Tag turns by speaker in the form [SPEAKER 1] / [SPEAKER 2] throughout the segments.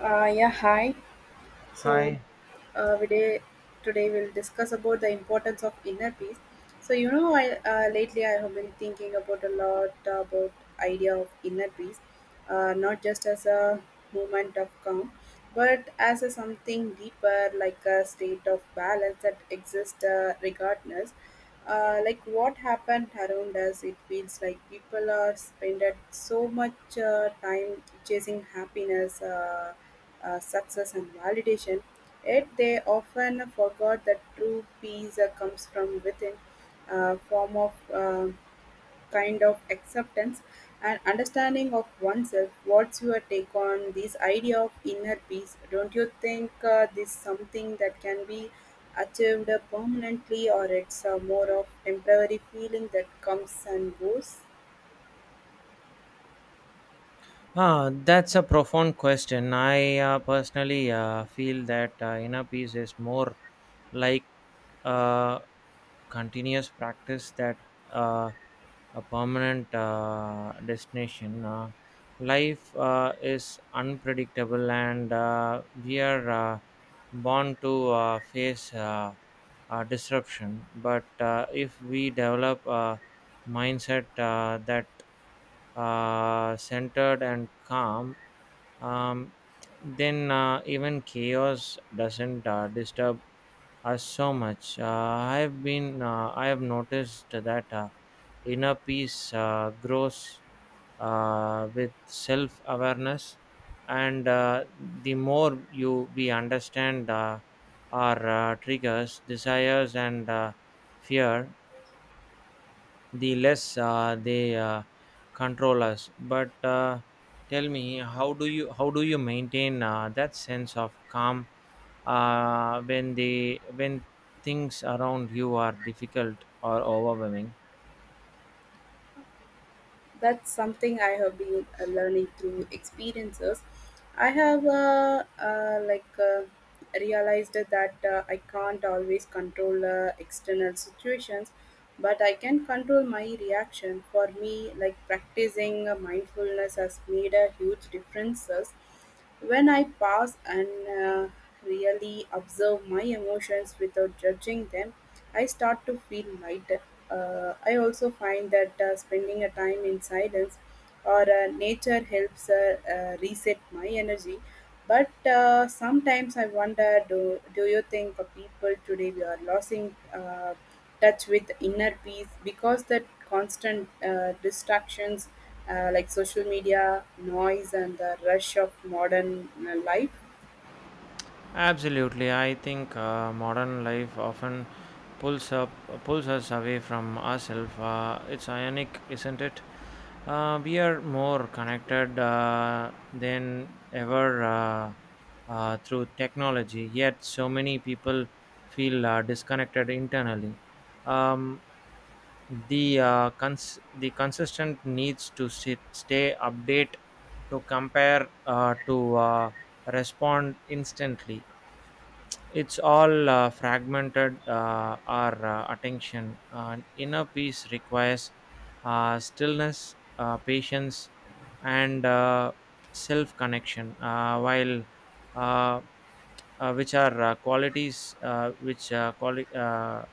[SPEAKER 1] Yeah, Hi. So,
[SPEAKER 2] Hi.
[SPEAKER 1] uh, we day, Today we'll discuss about the importance of inner peace. So, you know, I Lately I have been thinking about a lot about idea of inner peace, not just as a moment of calm, but as a something deeper, like a state of balance that exists regardless like what happened around us. It feels like people are spending so much time chasing happiness success and validation, yet they often forgot that true peace comes from within, a form of um kind of acceptance and understanding of oneself. What's your take on this idea of inner peace? Don't you think this is something that can be achieved permanently, or it's more of temporary feeling that comes and goes?
[SPEAKER 2] Ah, that's a profound question. I personally feel that inner peace is more like a continuous practice that uh, a permanent destination. Life is unpredictable, and we are. Born to face disruption. But if we develop a mindset that centered and calm, um, then even chaos doesn't disturb us so much. I have noticed that inner peace grows with self awareness and the more you we understand our triggers desires and fear the less they control us, but tell me, how do you maintain that sense of calm when the when things around you are difficult or overwhelming?
[SPEAKER 1] That's something I have been learning through experiences. I have realized that I can't always control external situations, but I can control my reaction. For me, like practicing mindfulness has made a huge differences. When I pause and really observe my emotions without judging them, I start to feel lighter. I also find that spending a time in silence or nature helps reset my energy. But sometimes I wonder, do you think of people today we are losing touch with inner peace because the constant distractions like social media, noise, and the rush of modern life?
[SPEAKER 2] Absolutely, I think modern life often pulls up pulls us away from ourselves. It's ironic, isn't it? We are more connected than ever through technology. Yet, so many people feel disconnected internally. Um, the the consistent needs to sit, stay update to compare to respond instantly. It's all fragmented our attention, and inner peace requires stillness, patience, and self connection, while uh, which are qualities,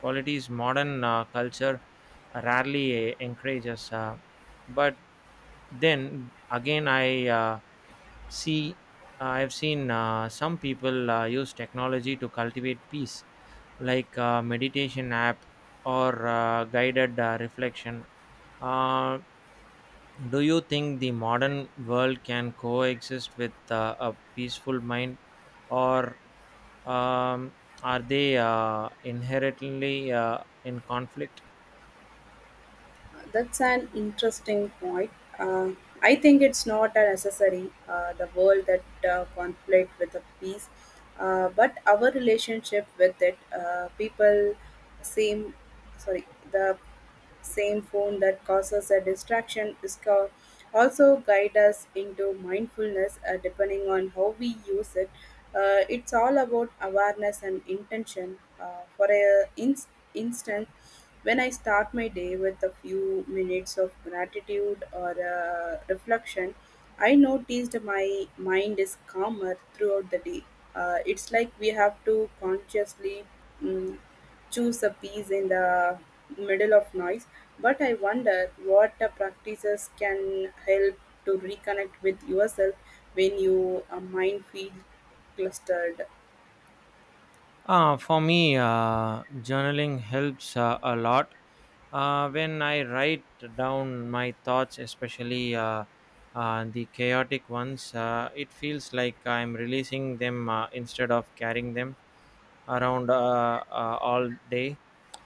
[SPEAKER 2] qualities modern culture rarely encourages. But then again, see I've seen some people use technology to cultivate peace, like meditation app or guided reflection. uh, do you think the modern world can coexist with a peaceful mind, or um, are they inherently in conflict?
[SPEAKER 1] That's an interesting point. Uh, I think it's not a necessary the world that conflict with the peace, but our relationship with it. People seem, sorry, the same phone that causes a distraction is also guide us into mindfulness depending on how we use it. It's all about awareness and intention for a instance, when I start my day with a few minutes of gratitude or reflection, I noticed my mind is calmer throughout the day. It's like we have to consciously mm choose a piece in the middle of noise, but I wonder what practices can help to reconnect with yourself when your mind feels clustered.
[SPEAKER 2] For me, journaling helps a lot. When I write down my thoughts, especially the chaotic ones, it feels like I'm releasing them instead of carrying them around all day.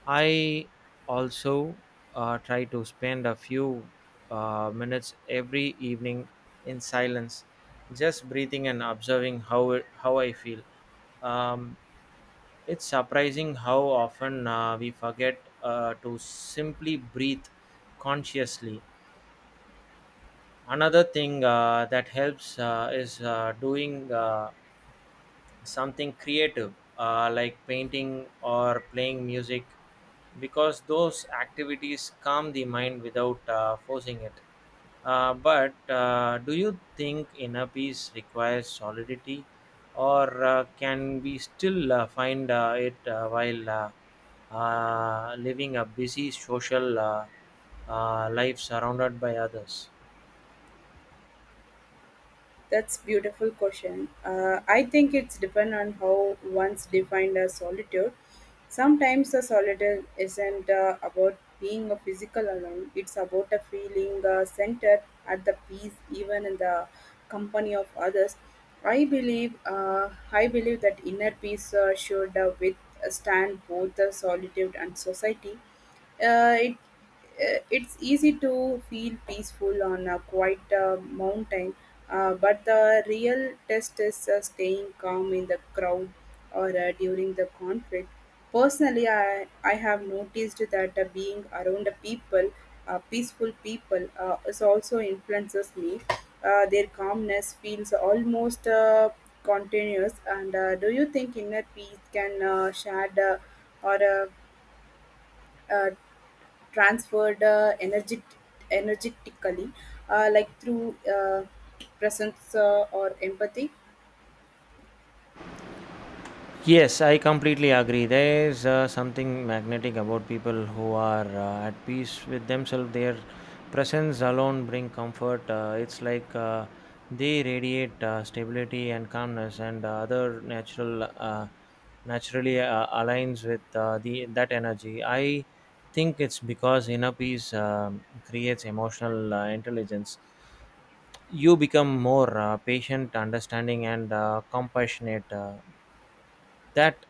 [SPEAKER 2] I also try to spend a few minutes every evening in silence, just breathing and observing how I feel. Um, it's surprising how often we forget to simply breathe consciously. Another thing that helps is doing something creative, like painting or playing music, because those activities calm the mind without forcing it. But do you think inner peace requires solidity, or can we still find it while living a busy social life surrounded by others?
[SPEAKER 1] That's beautiful question. I think it's depend on how one's defined as solitude. Sometimes the solitude isn't about being a physical alone. It's about a feeling centered at the peace, even in the company of others. I believe that inner peace should withstand both the solitude and society. Uh, it it's easy to feel peaceful on a quiet mountain, but the real test is staying calm in the crowd or during the conflict. Personally, I have noticed that being around the people, peaceful people, is also influences me. Their calmness feels almost continuous. And do you think inner peace can shared or uh, transferred energetically, like through presence or empathy.
[SPEAKER 2] Yes, I completely agree. There is something magnetic about people who are at peace with themselves. Their presence alone bring comfort. It's like they radiate stability and calmness, and other natural naturally aligns with the that energy. I think it's because inner peace creates emotional intelligence. You become more patient, understanding, and compassionate. That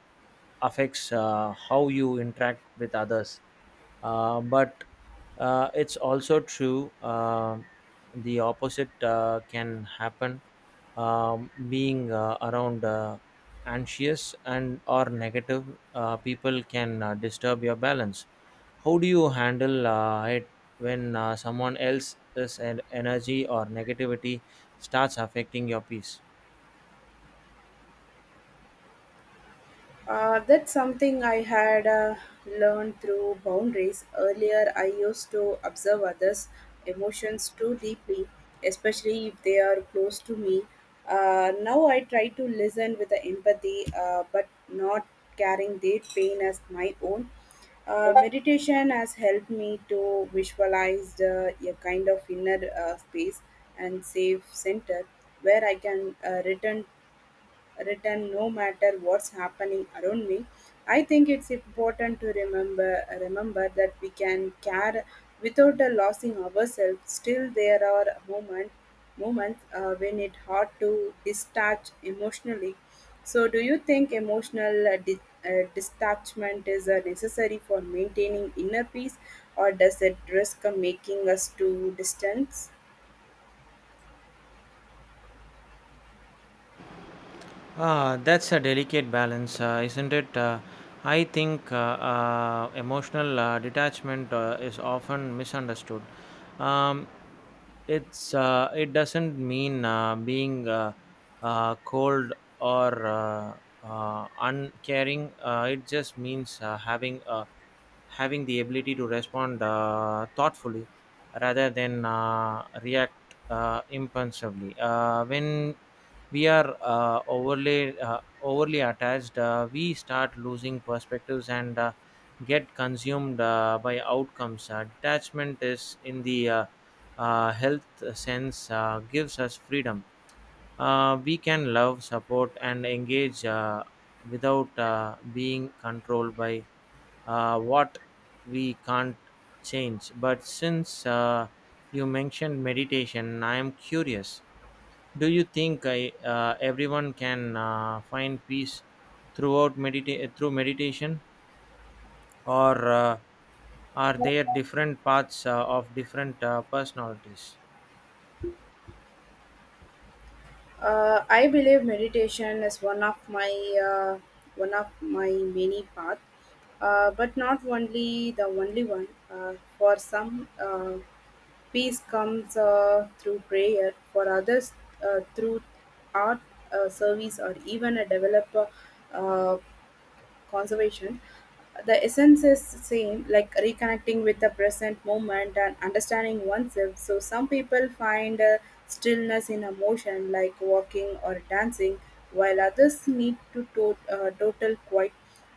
[SPEAKER 2] affects how you interact with others, but it's also true the opposite can happen. Being around anxious and or negative people can disturb your balance. How do you handle it when someone else's energy or negativity starts affecting your peace?
[SPEAKER 1] That's something I had learned through boundaries. Earlier, I used to observe others' emotions too deeply, especially if they are close to me. Now I try to listen with the empathy, but not carrying their pain as my own. Meditation has helped me to visualize a kind of inner space and safe center where I can return written, no matter what's happening around me. I think it's important to remember that we can care without losing ourselves. Still there are moments when it's hard to detach emotionally. So do you think emotional detachment is necessary for maintaining inner peace, or does it risk making us too distant?
[SPEAKER 2] Ah, that's a delicate balance, isn't it? I think emotional detachment is often misunderstood. Um, it doesn't mean being cold or uncaring. It just means having the ability to respond thoughtfully rather than react impulsively. When we are overly attached, we start losing perspectives and get consumed by outcomes. Detachment, is in the health sense, gives us freedom. We can love, support, and engage without being controlled by what we can't change. But since you mentioned meditation, I am curious. Do you think everyone can find peace through meditation, or are there different paths of different personalities?
[SPEAKER 1] I believe meditation is uh, one of my many paths, but not only the only one. For some, peace comes through prayer. For others, through art, service, or even a developer. Uh, Conservation, the essence is same, like reconnecting with the present moment and understanding oneself. So some people find a stillness in emotion, like walking or dancing, while others need total quiet.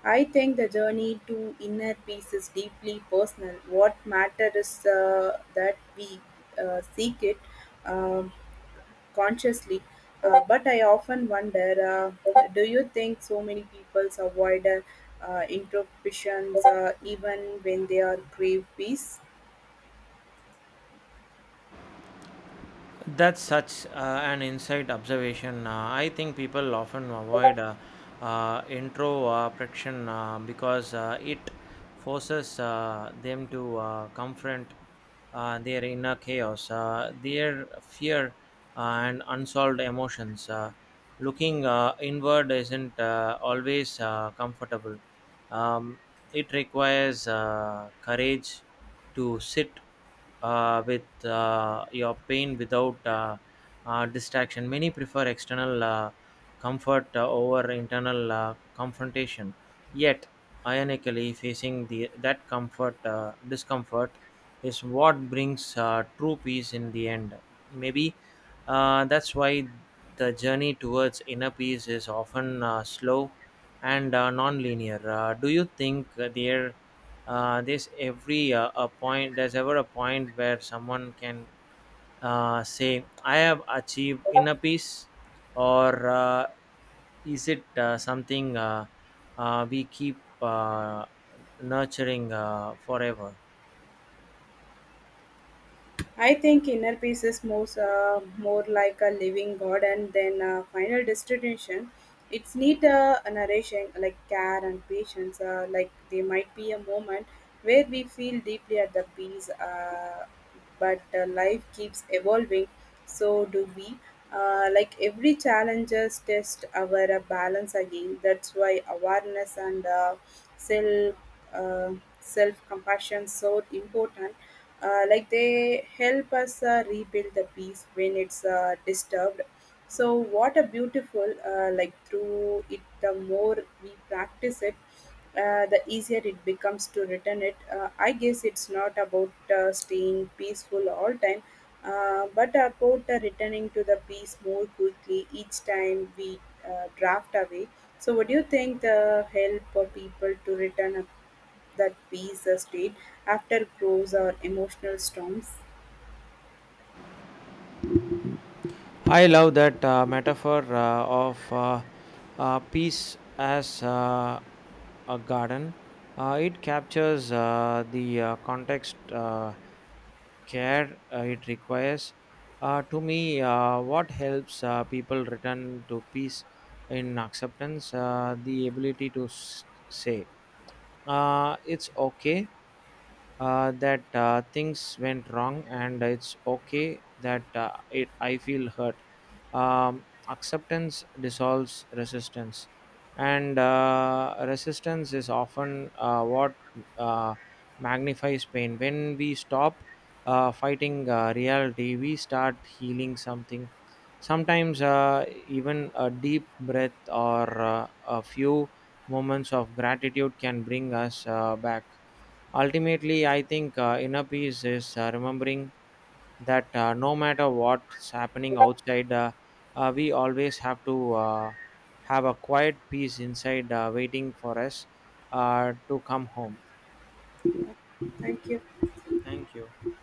[SPEAKER 1] I think the journey to inner peace is deeply personal. What matters is that we seek it. Um, consciously, but I often wonder, do you think so many people avoid introspections even when they are crave peace?
[SPEAKER 2] That's such an insight observation. I think people often avoid intro friction because it forces them to confront their inner chaos, their fear, uh, and unsolved emotions. Looking inward isn't always comfortable. Um, it requires courage to sit with your pain without distraction. Many prefer external comfort over internal confrontation. Yet, ironically, facing the that comfort discomfort is what brings true peace in the end. Maybe that's why the journey towards inner peace is often slow and non-linear. Do you think there? This every a point there's ever a point where someone can say, I have achieved inner peace, or is it something we keep nurturing forever?
[SPEAKER 1] I think inner peace is more like a living garden than a final destination. It's need a narration like care and patience. Like there might be a moment where we feel deeply at the peace, but life keeps evolving, so do we. Like every challenges test our balance again. That's why awareness and self uh, self compassion so important. Like they help us rebuild the peace when it's disturbed. So what a beautiful like through it, the more we practice it, the easier it becomes to return it. I guess it's not about staying peaceful all time, but about returning to the peace more quickly each time we draft away. So what do you think the help for people to return up that peace state after grows or emotional storms?
[SPEAKER 2] I love that metaphor of peace as a garden. It captures the context care it requires. To me, what helps people return to peace in acceptance? The ability to say, it's okay that things went wrong, and it's okay that I feel hurt. Acceptance dissolves resistance, and resistance is often what uh, magnifies pain. When we stop fighting reality, we start healing something. Sometimes, even a deep breath or a few moments of gratitude can bring us back. Ultimately, I think inner peace is remembering that no matter what's happening outside, we always have to have a quiet peace inside waiting for us to come home.
[SPEAKER 1] Thank you.
[SPEAKER 2] Thank you.